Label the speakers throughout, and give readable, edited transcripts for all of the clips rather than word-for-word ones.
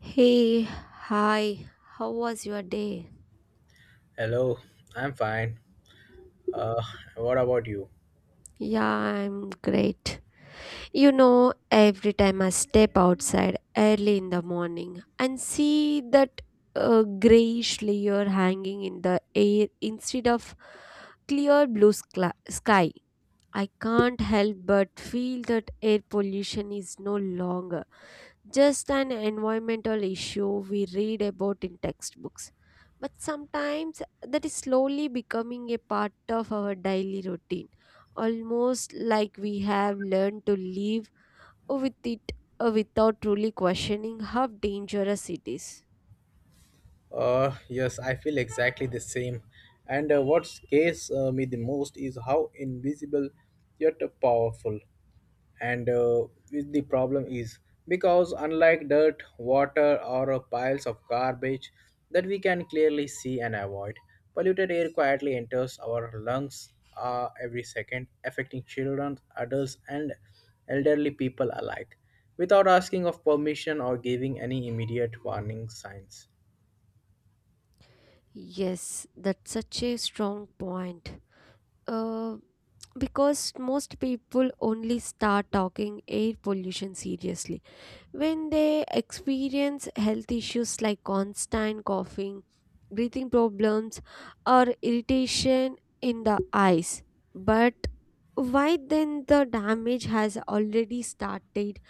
Speaker 1: Hey, hi, how was your day?
Speaker 2: Hello, I'm fine. Uh, what about you?
Speaker 1: Yeah, I'm great. You know, every time I step outside early in the morning and see that grayish layer hanging in the air instead of clear blue sky, I can't help but feel that air pollution is no longer, just an environmental issue we read about in textbooks. But sometimes that is slowly becoming a part of our daily routine, almost like we have learned to live with it without truly questioning how dangerous it is.
Speaker 2: Yes, I feel exactly the same. And what scares me the most is how invisible yet powerful, and with the problem is, because unlike dirt water or piles of garbage that we can clearly see and avoid, polluted air quietly enters our lungs every second, affecting children, adults, and elderly people alike, without asking of permission or giving any immediate warning signs.
Speaker 1: Yes, that's such a strong point. Uh, because most people only start talking air pollution seriously when they experience health issues like constant coughing, breathing problems, or irritation in the eyes. But why then the damage has already started?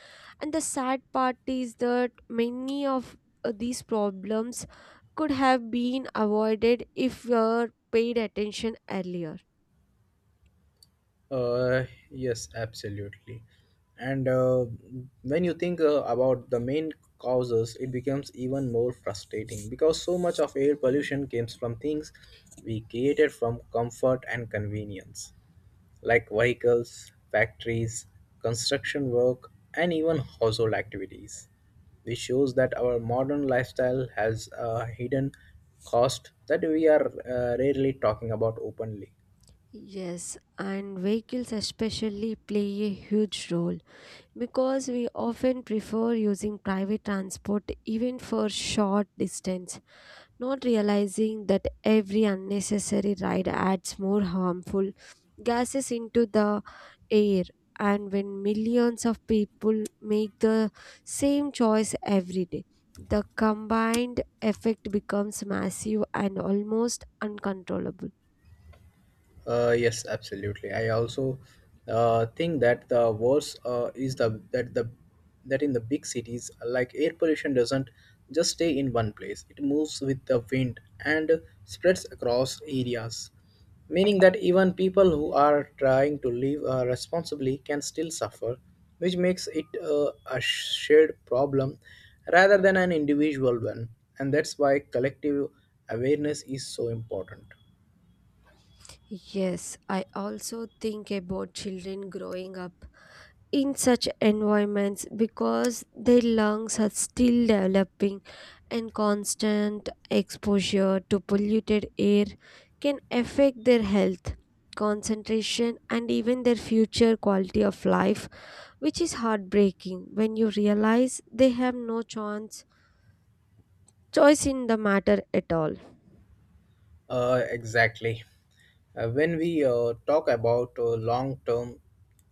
Speaker 1: And the sad part is that many of these problems could have been avoided if we were paid attention earlier.
Speaker 2: Uh, yes, absolutely. And when you think about the main causes, it becomes even more frustrating because so much of air pollution comes from things we created from comfort and convenience, like vehicles, factories, construction work, and even household activities. This shows that our modern lifestyle has a hidden cost that we are rarely talking about openly.
Speaker 1: Yes, and vehicles especially play a huge role because we often prefer using private transport even for short distance, not realizing that every unnecessary ride adds more harmful gases into the air. And when millions of people make the same choice every day, the combined effect becomes massive and almost uncontrollable.
Speaker 2: Yes, absolutely. I also think that the worst is the that in the big cities, like air pollution doesn't just stay in one place. It moves with the wind and spreads across areas, meaning that even people who are trying to live responsibly can still suffer, which makes it a shared problem rather than an individual one. And that's why collective awareness is so important.
Speaker 1: Yes, I also think about children growing up in such environments because their lungs are still developing, and constant exposure to polluted air can affect their health, concentration, and even their future quality of life, which is heartbreaking when you realize they have no chance choice in the matter at all.
Speaker 2: Exactly. When we talk about long term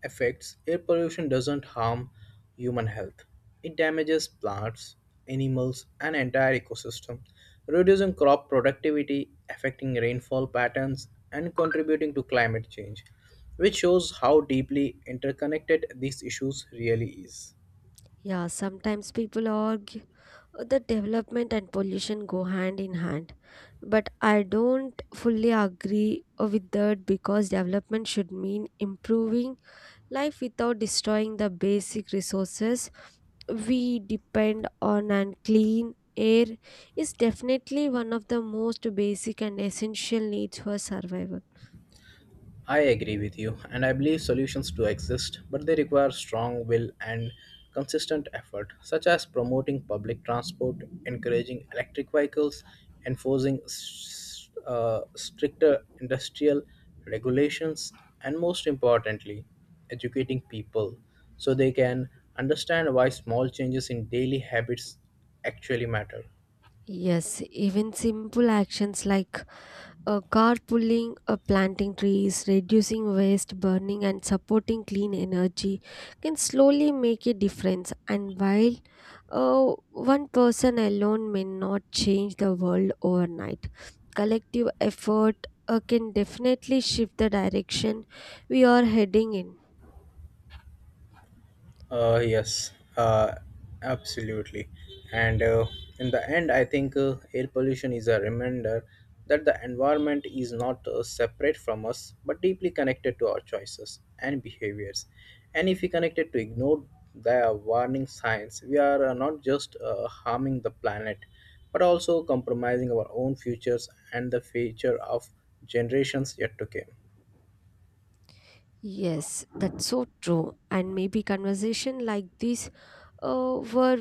Speaker 2: effects, air pollution doesn't harm human health. It damages plants, animals, and entire ecosystem, reducing crop productivity, affecting rainfall patterns, and contributing to climate change, which shows how deeply interconnected these issues really is.
Speaker 1: Yeah, sometimes people argue that development and pollution go hand in hand. But I don't fully agree with that, because development should mean improving life without destroying the basic resources we depend on, and clean air is definitely one of the most basic and essential needs for survival.
Speaker 2: I agree with you, and I believe solutions do exist, but they require strong will and consistent effort, such as promoting public transport, encouraging electric vehicles, enforcing stricter industrial regulations, and most importantly, educating people so they can understand why small changes in daily habits actually matter.
Speaker 1: Yes, even simple actions like carpooling, planting trees, reducing waste, burning, and supporting clean energy can slowly make a difference. And while one person alone may not change the world overnight, collective effort can definitely shift the direction we are heading in.
Speaker 2: Yes, uh, absolutely. And in the end, I think air pollution is a reminder that the environment is not separate from us but deeply connected to our choices and behaviors. And if we connected to ignore the warning signs, we are not just harming the planet but also compromising our own futures and the future of generations yet to come.
Speaker 1: Yes, that's so true. And maybe conversation like this, where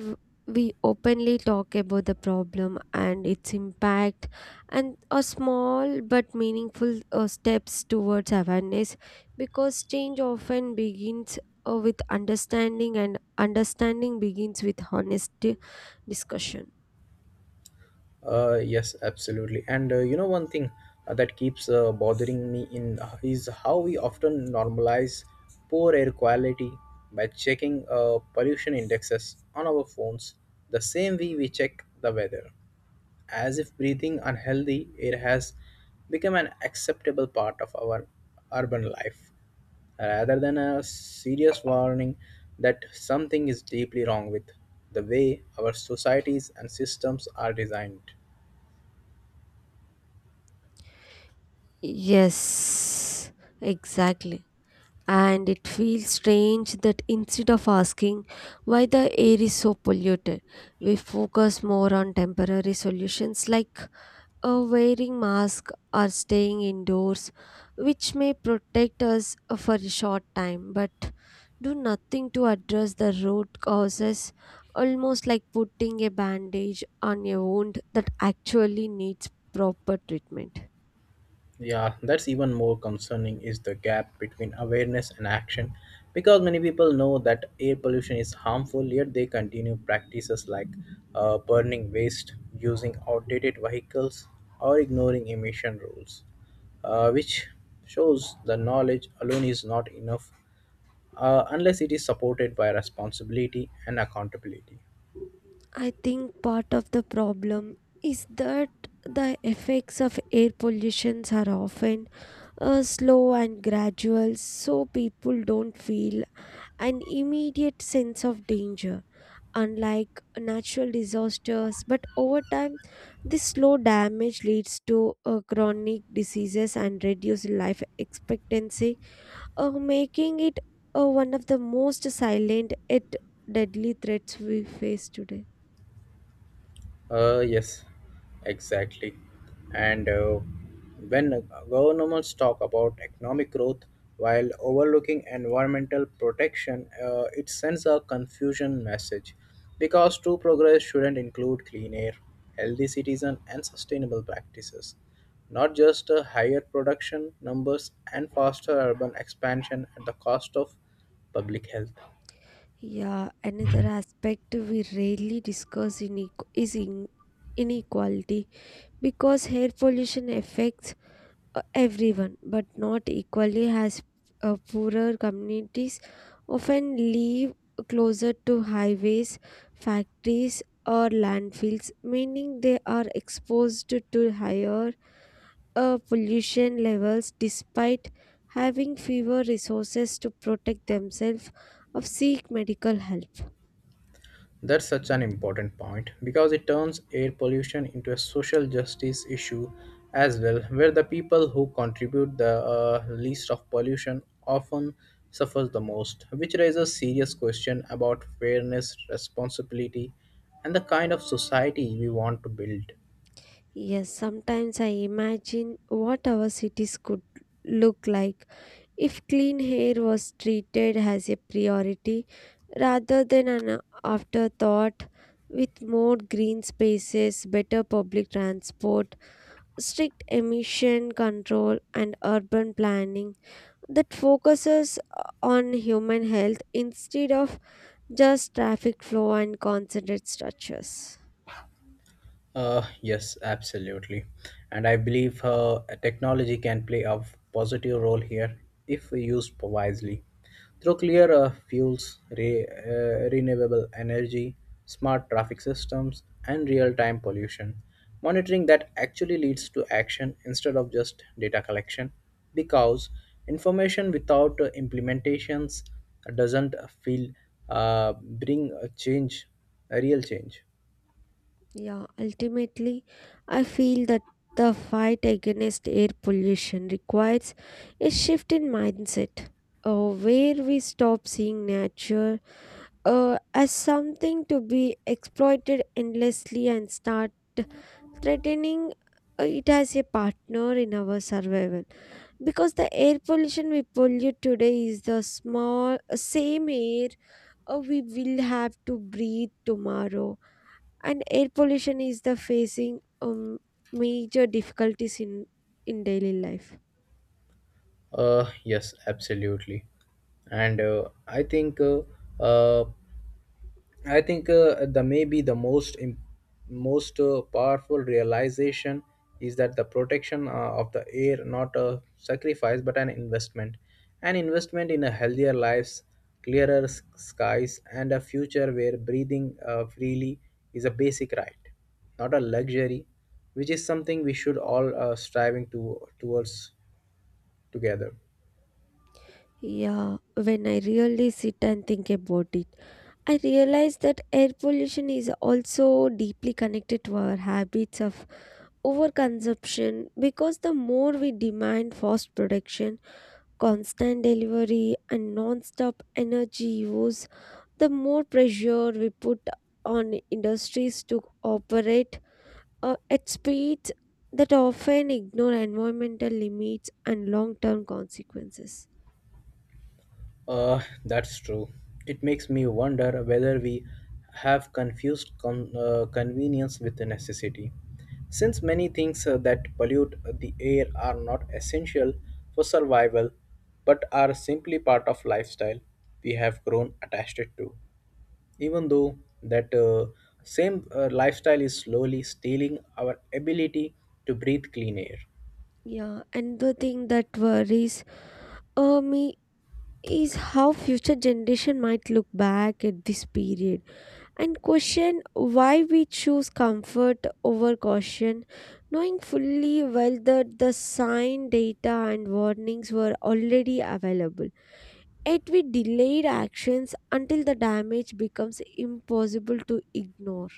Speaker 1: we openly talk about the problem and its impact, and a small but meaningful steps towards awareness, because change often begins with understanding, and understanding begins with honest discussion.
Speaker 2: Yes, absolutely. And one thing that keeps bothering me in is how we often normalize poor air quality by checking pollution indexes on our phones the same way we check the weather, as if breathing unhealthy air has become an acceptable part of our urban life, rather than a serious warning that something is deeply wrong with the way our societies and systems are designed.
Speaker 1: Yes, exactly. And it feels strange that instead of asking why the air is so polluted, we focus more on temporary solutions like wearing masks or staying indoors, which may protect us for a short time but do nothing to address the root causes, almost like putting a bandage on a wound that actually needs proper treatment.
Speaker 2: Yeah, that's even more concerning is the gap between awareness and action, because many people know that air pollution is harmful, yet they continue practices like burning waste, using outdated vehicles, or ignoring emission rules, which shows the knowledge alone is not enough unless it is supported by responsibility and accountability.
Speaker 1: I think part of the problem is that the effects of air pollutions are often slow and gradual, so people don't feel an immediate sense of danger, unlike natural disasters. But over time, this slow damage leads to chronic diseases and reduced life expectancy, making it one of the most silent yet deadly threats we face today.
Speaker 2: Yes, exactly. And when governments talk about economic growth while overlooking environmental protection, it sends a confusion message, because true progress shouldn't include clean air, healthy citizens, and sustainable practices, not just higher production numbers and faster urban expansion at the cost of public health.
Speaker 1: Yeah, another aspect we rarely discuss in equ- is in inequality, because air pollution affects everyone, but not equally, as poorer communities often live closer to highways, factories, or landfills, meaning they are exposed to higher pollution levels despite having fewer resources to protect themselves or seek medical help.
Speaker 2: That's such an important point, because it turns air pollution into a social justice issue as well, where the people who contribute the least of pollution often suffers the most, which raises serious question about fairness, responsibility, and the kind of society we want to build.
Speaker 1: Yes, sometimes I imagine what our cities could look like if clean air was treated as a priority rather than an afterthought, with more green spaces, better public transport, strict emission control, and urban planning that focuses on human health instead of just traffic flow and concentrated structures.
Speaker 2: Yes, absolutely. And I believe technology can play a positive role here if we used wisely. Through clear fuels, renewable energy, smart traffic systems, and real time pollution monitoring that actually leads to action instead of just data collection, because information without implementations doesn't feel bring a change, a real change.
Speaker 1: Yeah, ultimately, I feel that the fight against air pollution requires a shift in mindset, where we stop seeing nature as something to be exploited endlessly and start threatening it as a partner in our survival. Because the air pollution we pollute today is the small same air we will have to breathe tomorrow, and air pollution is the facing major difficulties in daily life.
Speaker 2: Yes, absolutely, and uh, I think the most powerful realization is that the protection of the air not a sacrifice but an investment in a healthier lives, skies, and a future where breathing freely is a basic right, not a luxury, which is something we should all striving to towards together.
Speaker 1: Yeah, when I really sit and think about it, I realize that air pollution is also deeply connected to our habits of overconsumption, because the more we demand fast production, constant delivery, and non-stop energy use, the more pressure we put on industries to operate at speeds that often ignore environmental limits and long term consequences.
Speaker 2: That's true. It makes me wonder whether we have confused convenience with the necessity, since many things that pollute the air are not essential for survival but are simply part of lifestyle we have grown attached to, even though that same lifestyle is slowly stealing our ability to breathe clean air.
Speaker 1: Yeah, and the thing that worries me is how future generation might look back at this period and question why we choose comfort over caution, knowing fully well that the sign data and warnings were already available, yet we delayed actions until the damage becomes impossible to ignore.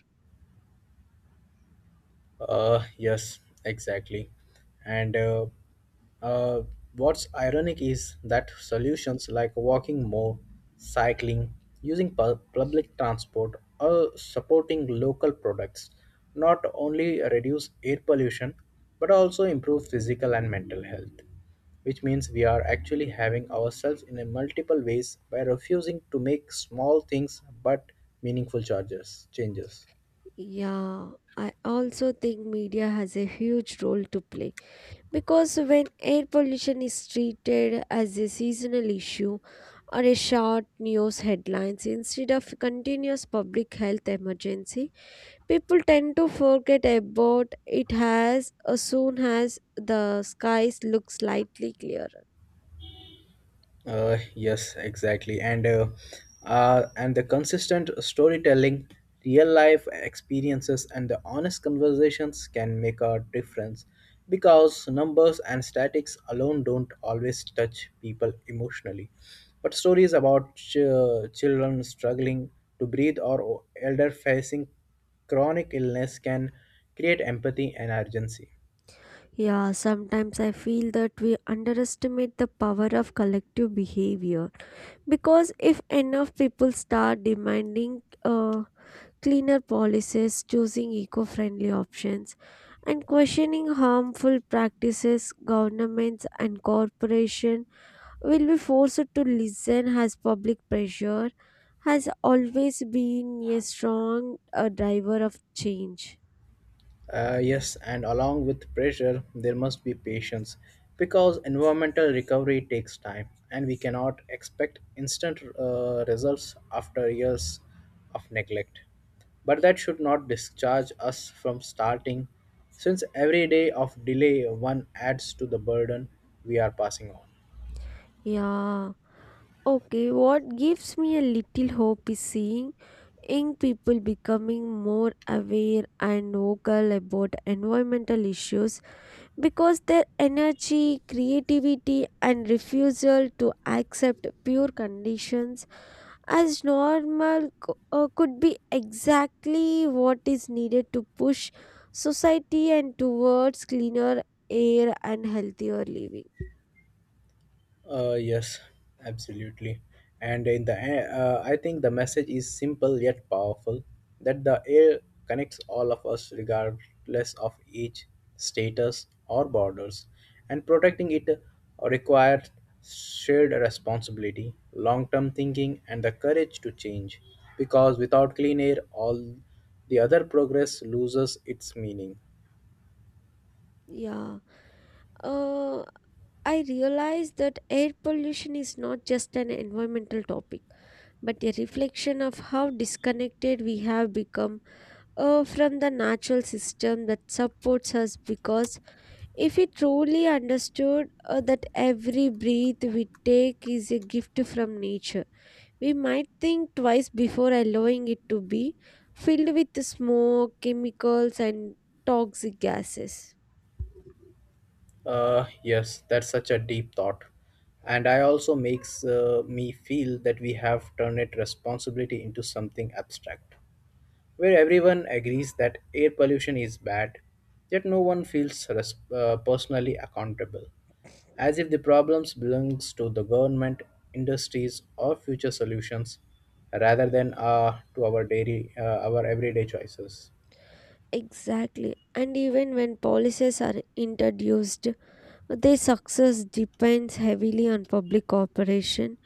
Speaker 2: Yes, exactly. And uh, what's ironic is that solutions like walking more, cycling, using public transport, or supporting local products not only reduce air pollution but also improve physical and mental health, which means we are actually having ourselves in a multiple ways by refusing to make small things but meaningful charges changes.
Speaker 1: Yeah, I also think media has a huge role to play because when air pollution is treated as a seasonal issue or a short news headlines instead of continuous public health emergency, people tend to forget about it as soon as the skies look slightly clearer.
Speaker 2: Yes, exactly. And the consistent storytelling, real life experiences, and the honest conversations can make a difference, because numbers and statics alone don't always touch people emotionally. But stories about children struggling to breathe or elder facing chronic illness can create empathy and urgency.
Speaker 1: Yeah, sometimes I feel that we underestimate the power of collective behavior. Because if enough people start demanding cleaner policies, choosing eco friendly options, and questioning harmful practices, governments and corporations will be forced to listen, as public pressure has always been a strong driver of change.
Speaker 2: Yes, and along with pressure, there must be patience, because environmental recovery takes time and we cannot expect instant results after years of neglect. But that should not discharge us from starting, since every day of delay one adds to the burden we are passing on.
Speaker 1: Yeah. Okay, what gives me a little hope is seeing young people becoming more aware and vocal about environmental issues, because their energy, creativity, and refusal to accept pure conditions as normal could be exactly what is needed to push society and towards cleaner air and healthier living.
Speaker 2: Yes, absolutely. And in the end, I think the message is simple yet powerful, that the air connects all of us regardless of age, status, or borders, and protecting it requires shared responsibility, long term thinking, and the courage to change. Because without clean air, all the other progress loses its meaning.
Speaker 1: Yeah. Uh, I realize that air pollution is not just an environmental topic but a reflection of how disconnected we have become from the natural system that supports us. Because if we truly understood that every breath we take is a gift from nature, we might think twice before allowing it to be filled with smoke, chemicals, and toxic gases.
Speaker 2: Yes, that's such a deep thought. And I also makes me feel that we have turned it responsibility into something abstract, where everyone agrees that air pollution is bad, yet no one feels personally accountable, as if the problems belongs to the government, industries, or future solutions, rather than to our everyday choices.
Speaker 1: Exactly. And even when policies are introduced, their success depends heavily on public cooperation,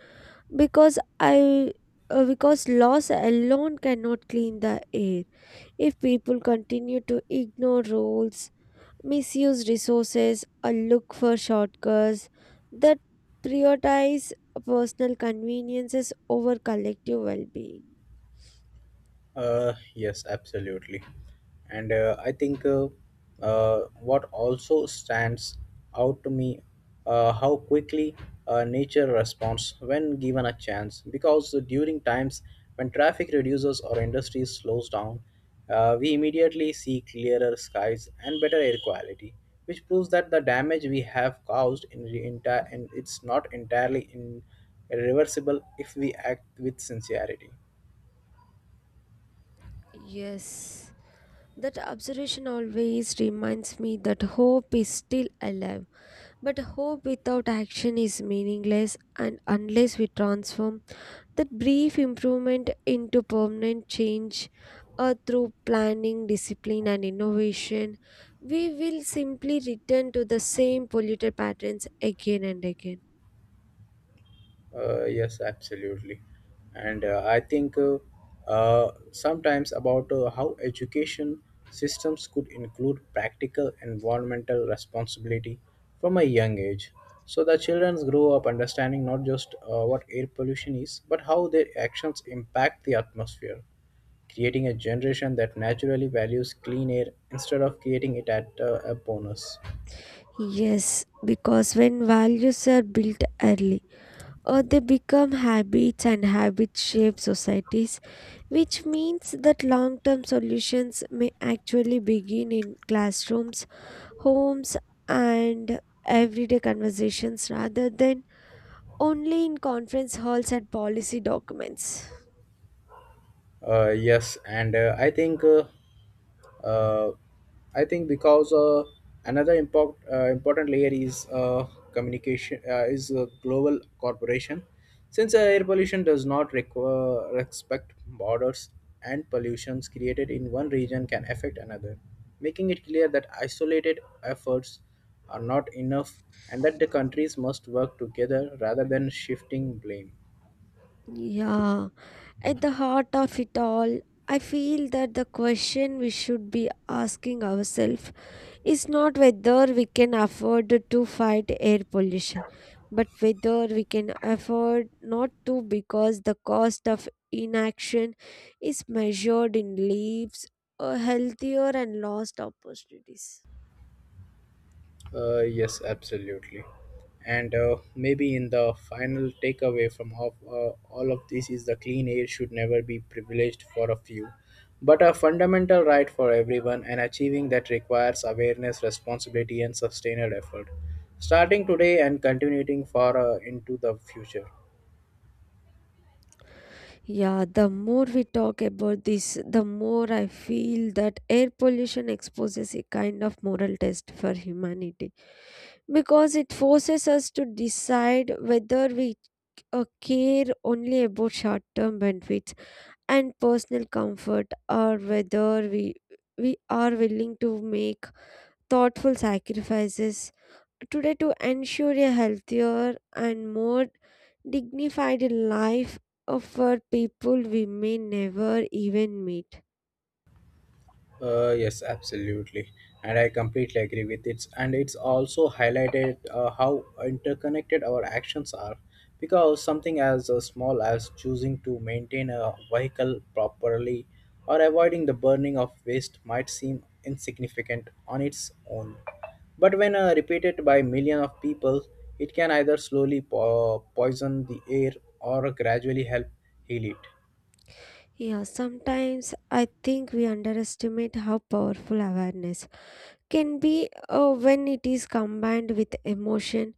Speaker 1: because i because loss alone cannot clean the air if people continue to ignore rules, misuse resources, or look for shortcuts that prioritize personal conveniences over collective well-being.
Speaker 2: Yes, absolutely. And I think what also stands out to me how quickly nature responds when given a chance. Because during times when traffic reduces or industry slows down, we immediately see clearer skies and better air quality, which proves that the damage we have caused in, the entire in it's not entirely in irreversible if we act with sincerity.
Speaker 1: Yes, that observation always reminds me that hope is still alive, but hope without action is meaningless, and unless we transform that brief improvement into permanent change through planning, discipline, and innovation, we will simply return to the same polluted patterns again and again.
Speaker 2: Yes, absolutely. And I think sometimes about how education systems could include practical environmental responsibility from a young age, so the children grow up understanding not just what air pollution is, but how their actions impact the atmosphere, creating a generation that naturally values clean air instead of creating it at a bonus.
Speaker 1: Yes, because when values are built early, or they become habits and habits shape societies, which means that long term solutions may actually begin in classrooms, homes, and everyday conversations rather than only in conference halls and policy documents.
Speaker 2: Yes, and uh, I think because another important layer is communication is global corporation. Since air pollution does not require respect borders, and pollutions created in one region can affect another, making it clear that isolated efforts are not enough and that the countries must work together rather than shifting blame.
Speaker 1: Yeah, at the heart of it all, I feel that the question we should be asking ourselves is not whether we can afford to fight air pollution, but whether we can afford not to, because the cost of inaction is measured in lives, or healthier and lost opportunities.
Speaker 2: Yes, absolutely. And maybe in the final takeaway from all of this is the clean air should never be privileged for a few, but a fundamental right for everyone, and achieving that requires awareness, responsibility, and sustained effort, starting today and continuing far into the future.
Speaker 1: Yeah, the more we talk about this, the more I feel that air pollution exposes a kind of moral test for humanity, because it forces us to decide whether we care only about short term benefits and personal comfort, or whether we are willing to make thoughtful sacrifices today to ensure a healthier and more dignified life for people we may never even meet.
Speaker 2: Yes, absolutely, and I completely agree with it. And it's also highlighted how interconnected our actions are, because something as small as choosing to maintain a vehicle properly or avoiding the burning of waste might seem insignificant on its own, but when repeated by millions of people, it can either slowly poison the air or gradually help heal it.
Speaker 1: Yeah, sometimes I think we underestimate how powerful awareness can be when it is combined with emotion,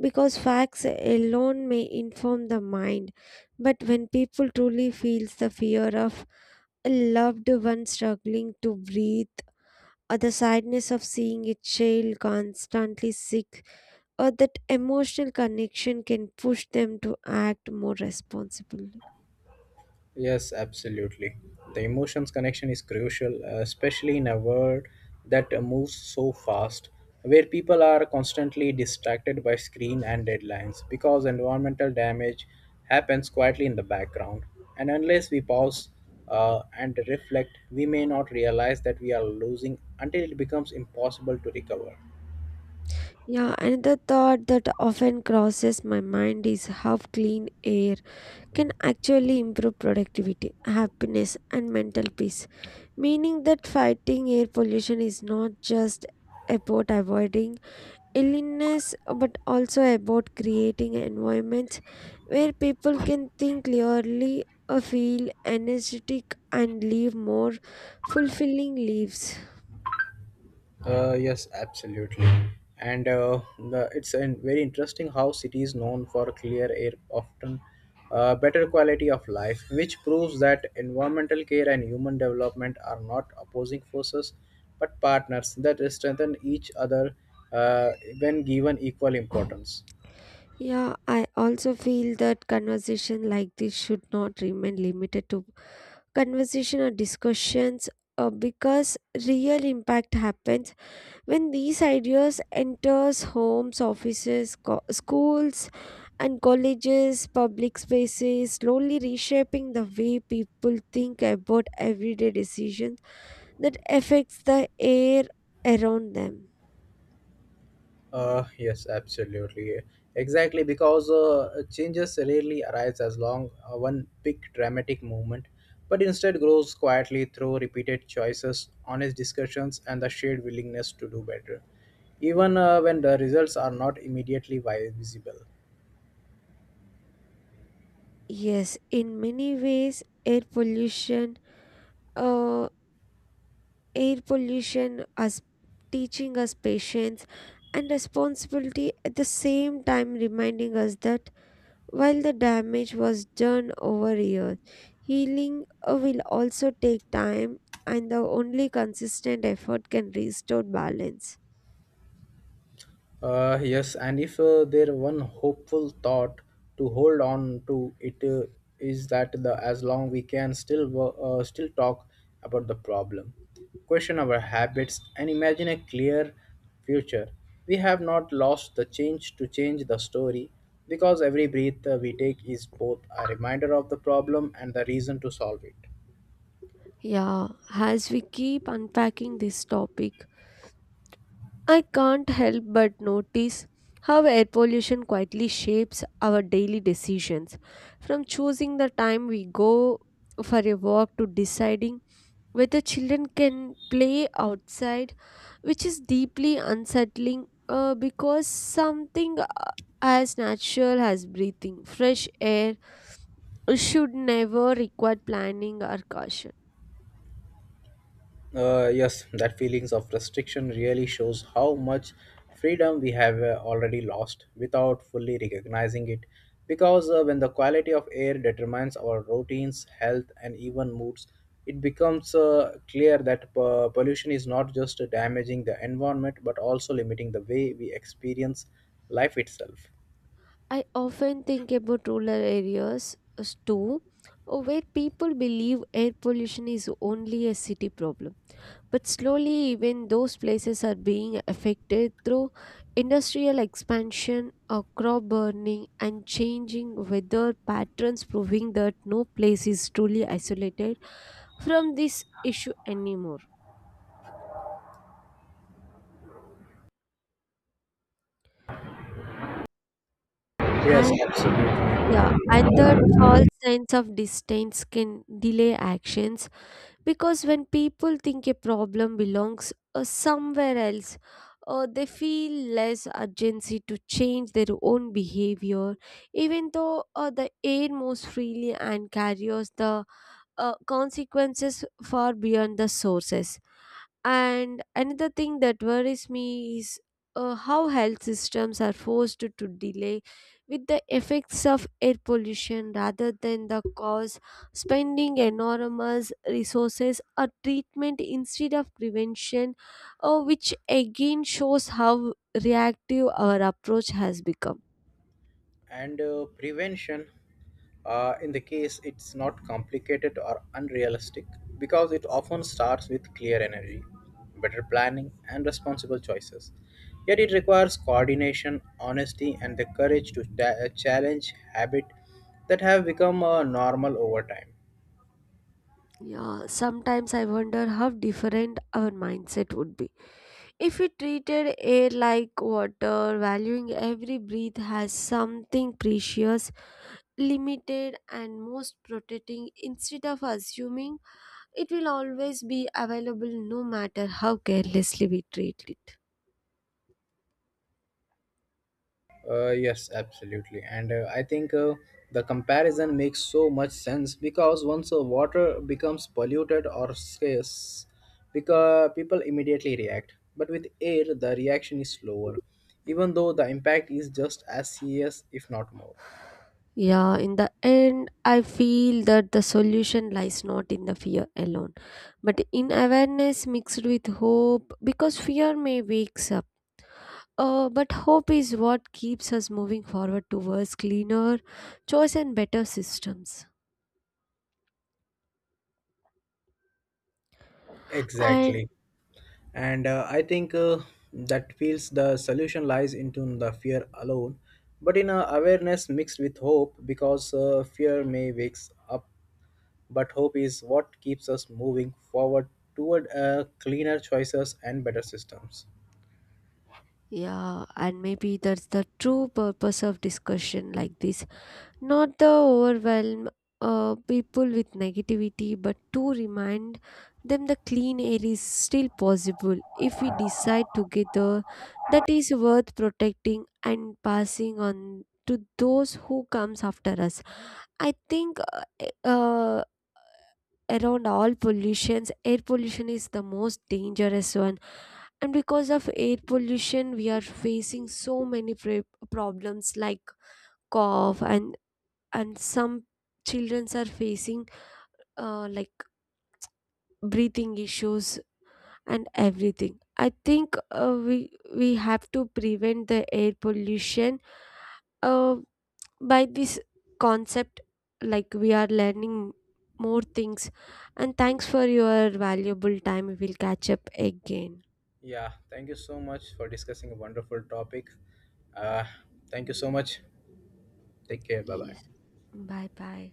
Speaker 1: because facts alone may inform the mind, but when people truly feels the fear of a loved one struggling to breathe, or the sadness of seeing a child constantly sick, that emotional connection can push them to act more responsibly.
Speaker 2: Yes, absolutely. The emotions connection is crucial, especially in a world that moves so fast, where people are constantly distracted by screen and deadlines, because environmental damage happens quietly in the background. And unless we pause and reflect, we may not realize that we are losing until it becomes impossible to recover.
Speaker 1: Yeah, another thought that often crosses my mind is how clean air can actually improve productivity, happiness, and mental peace. Meaning that fighting air pollution is not just about avoiding illness, but also about creating environments where people can think clearly, feel energetic, and live more fulfilling lives.
Speaker 2: Yes, absolutely. And it's a very interesting how cities known for clear air often better quality of life, which proves that environmental care and human development are not opposing forces but partners that strengthen each other uh, when given equal importance.
Speaker 1: Yeah, I also feel that conversation like this should not remain limited to conversation or discussions, because real impact happens when these ideas enters homes, offices, schools and colleges, public spaces, slowly reshaping the way people think about everyday decisions that affects the air around them.
Speaker 2: Yes, absolutely. Exactly, because changes rarely arise as long one big dramatic movement, but instead grows quietly through repeated choices, honest discussions, and the shared willingness to do better, even when the results are not immediately visible.
Speaker 1: Yes, in many ways, uh, air pollution as teaching us patience and responsibility at the same time, reminding us that while the damage was done over years, healing will also take time, and the only consistent effort can restore balance.
Speaker 2: Yes, and if there one hopeful thought to hold on to, it is that the as long we can still still talk about the problem, question our habits, and imagine a clear future. We have not lost the change to change the story, because every breath we take is both a reminder of the problem and the reason to solve it.
Speaker 1: Yeah, as we keep unpacking this topic, I can't help but notice how air pollution quietly shapes our daily decisions. From choosing the time we go for a walk to deciding whether children can play outside, which is deeply unsettling because something as natural as breathing fresh air should never require planning or caution.
Speaker 2: Yes, that feelings of restriction really shows how much freedom we have already lost without fully recognizing it. Because when the quality of air determines our routines, health, and even moods, it becomes clear that pollution is not just damaging the environment but also limiting the way we experience life itself.
Speaker 1: I often think about rural areas as too, where people believe air pollution is only a city problem. But slowly, even those places are being affected through industrial expansion, crop burning, and changing weather patterns, proving that no place is truly isolated from this issue anymore.
Speaker 2: Yes,
Speaker 1: And
Speaker 2: absolutely.
Speaker 1: yeah, and that false sense of distance can delay actions, because when people think a problem belongs somewhere else, they feel less urgency to change their own behavior, even though they air most freely and carries the consequences far beyond the sources. And another thing that worries me is how health systems are forced to delay with the effects of air pollution rather than the cause, spending enormous resources on treatment instead of prevention, which again shows how reactive our approach has become.
Speaker 2: And prevention in the case it's not complicated or unrealistic, because it often starts with clear energy, better planning, and responsible choices, yet it requires coordination, honesty, and the courage to challenge habits that have become normal over time.
Speaker 1: Yeah, sometimes I wonder how different our mindset would be if we treated air like water, valuing every breath as something precious, limited, and most protecting, instead of assuming it will always be available no matter how carelessly we treat it.
Speaker 2: Yes, absolutely. And I think the comparison makes so much sense, because once water becomes polluted or scarce, because people immediately react. But with air, the reaction is slower, even though the impact is just as serious, if not more.
Speaker 1: Yeah, in the end, I feel that the solution lies not in the fear alone, but in awareness mixed with hope, because fear may wake up, but hope is what keeps us moving forward towards cleaner choice and better systems. And
Speaker 2: Exactly. And I think that feels the solution lies into the fear alone, but in a awareness mixed with hope, because fear may wakes up. But hope is what keeps us moving forward toward cleaner choices and better systems.
Speaker 1: yeah, and maybe that's the true purpose of discussion like this. Not the overwhelm people with negativity, but to remind them the clean air is still possible if we decide together that is worth protecting and passing on to those who comes after us. I think around all pollutions air pollution is the most dangerous one, and because of air pollution we are facing so many problems like cough, and some children are facing like breathing issues and everything. I think we have to prevent the air pollution uh, by this concept, like we are learning more things. And thanks for your valuable time, we'll catch up again.
Speaker 2: Yeah, thank you so much for discussing a wonderful topic. Uh, Thank you so much. Take care. Bye
Speaker 1: Yes.
Speaker 2: bye.
Speaker 1: Bye bye.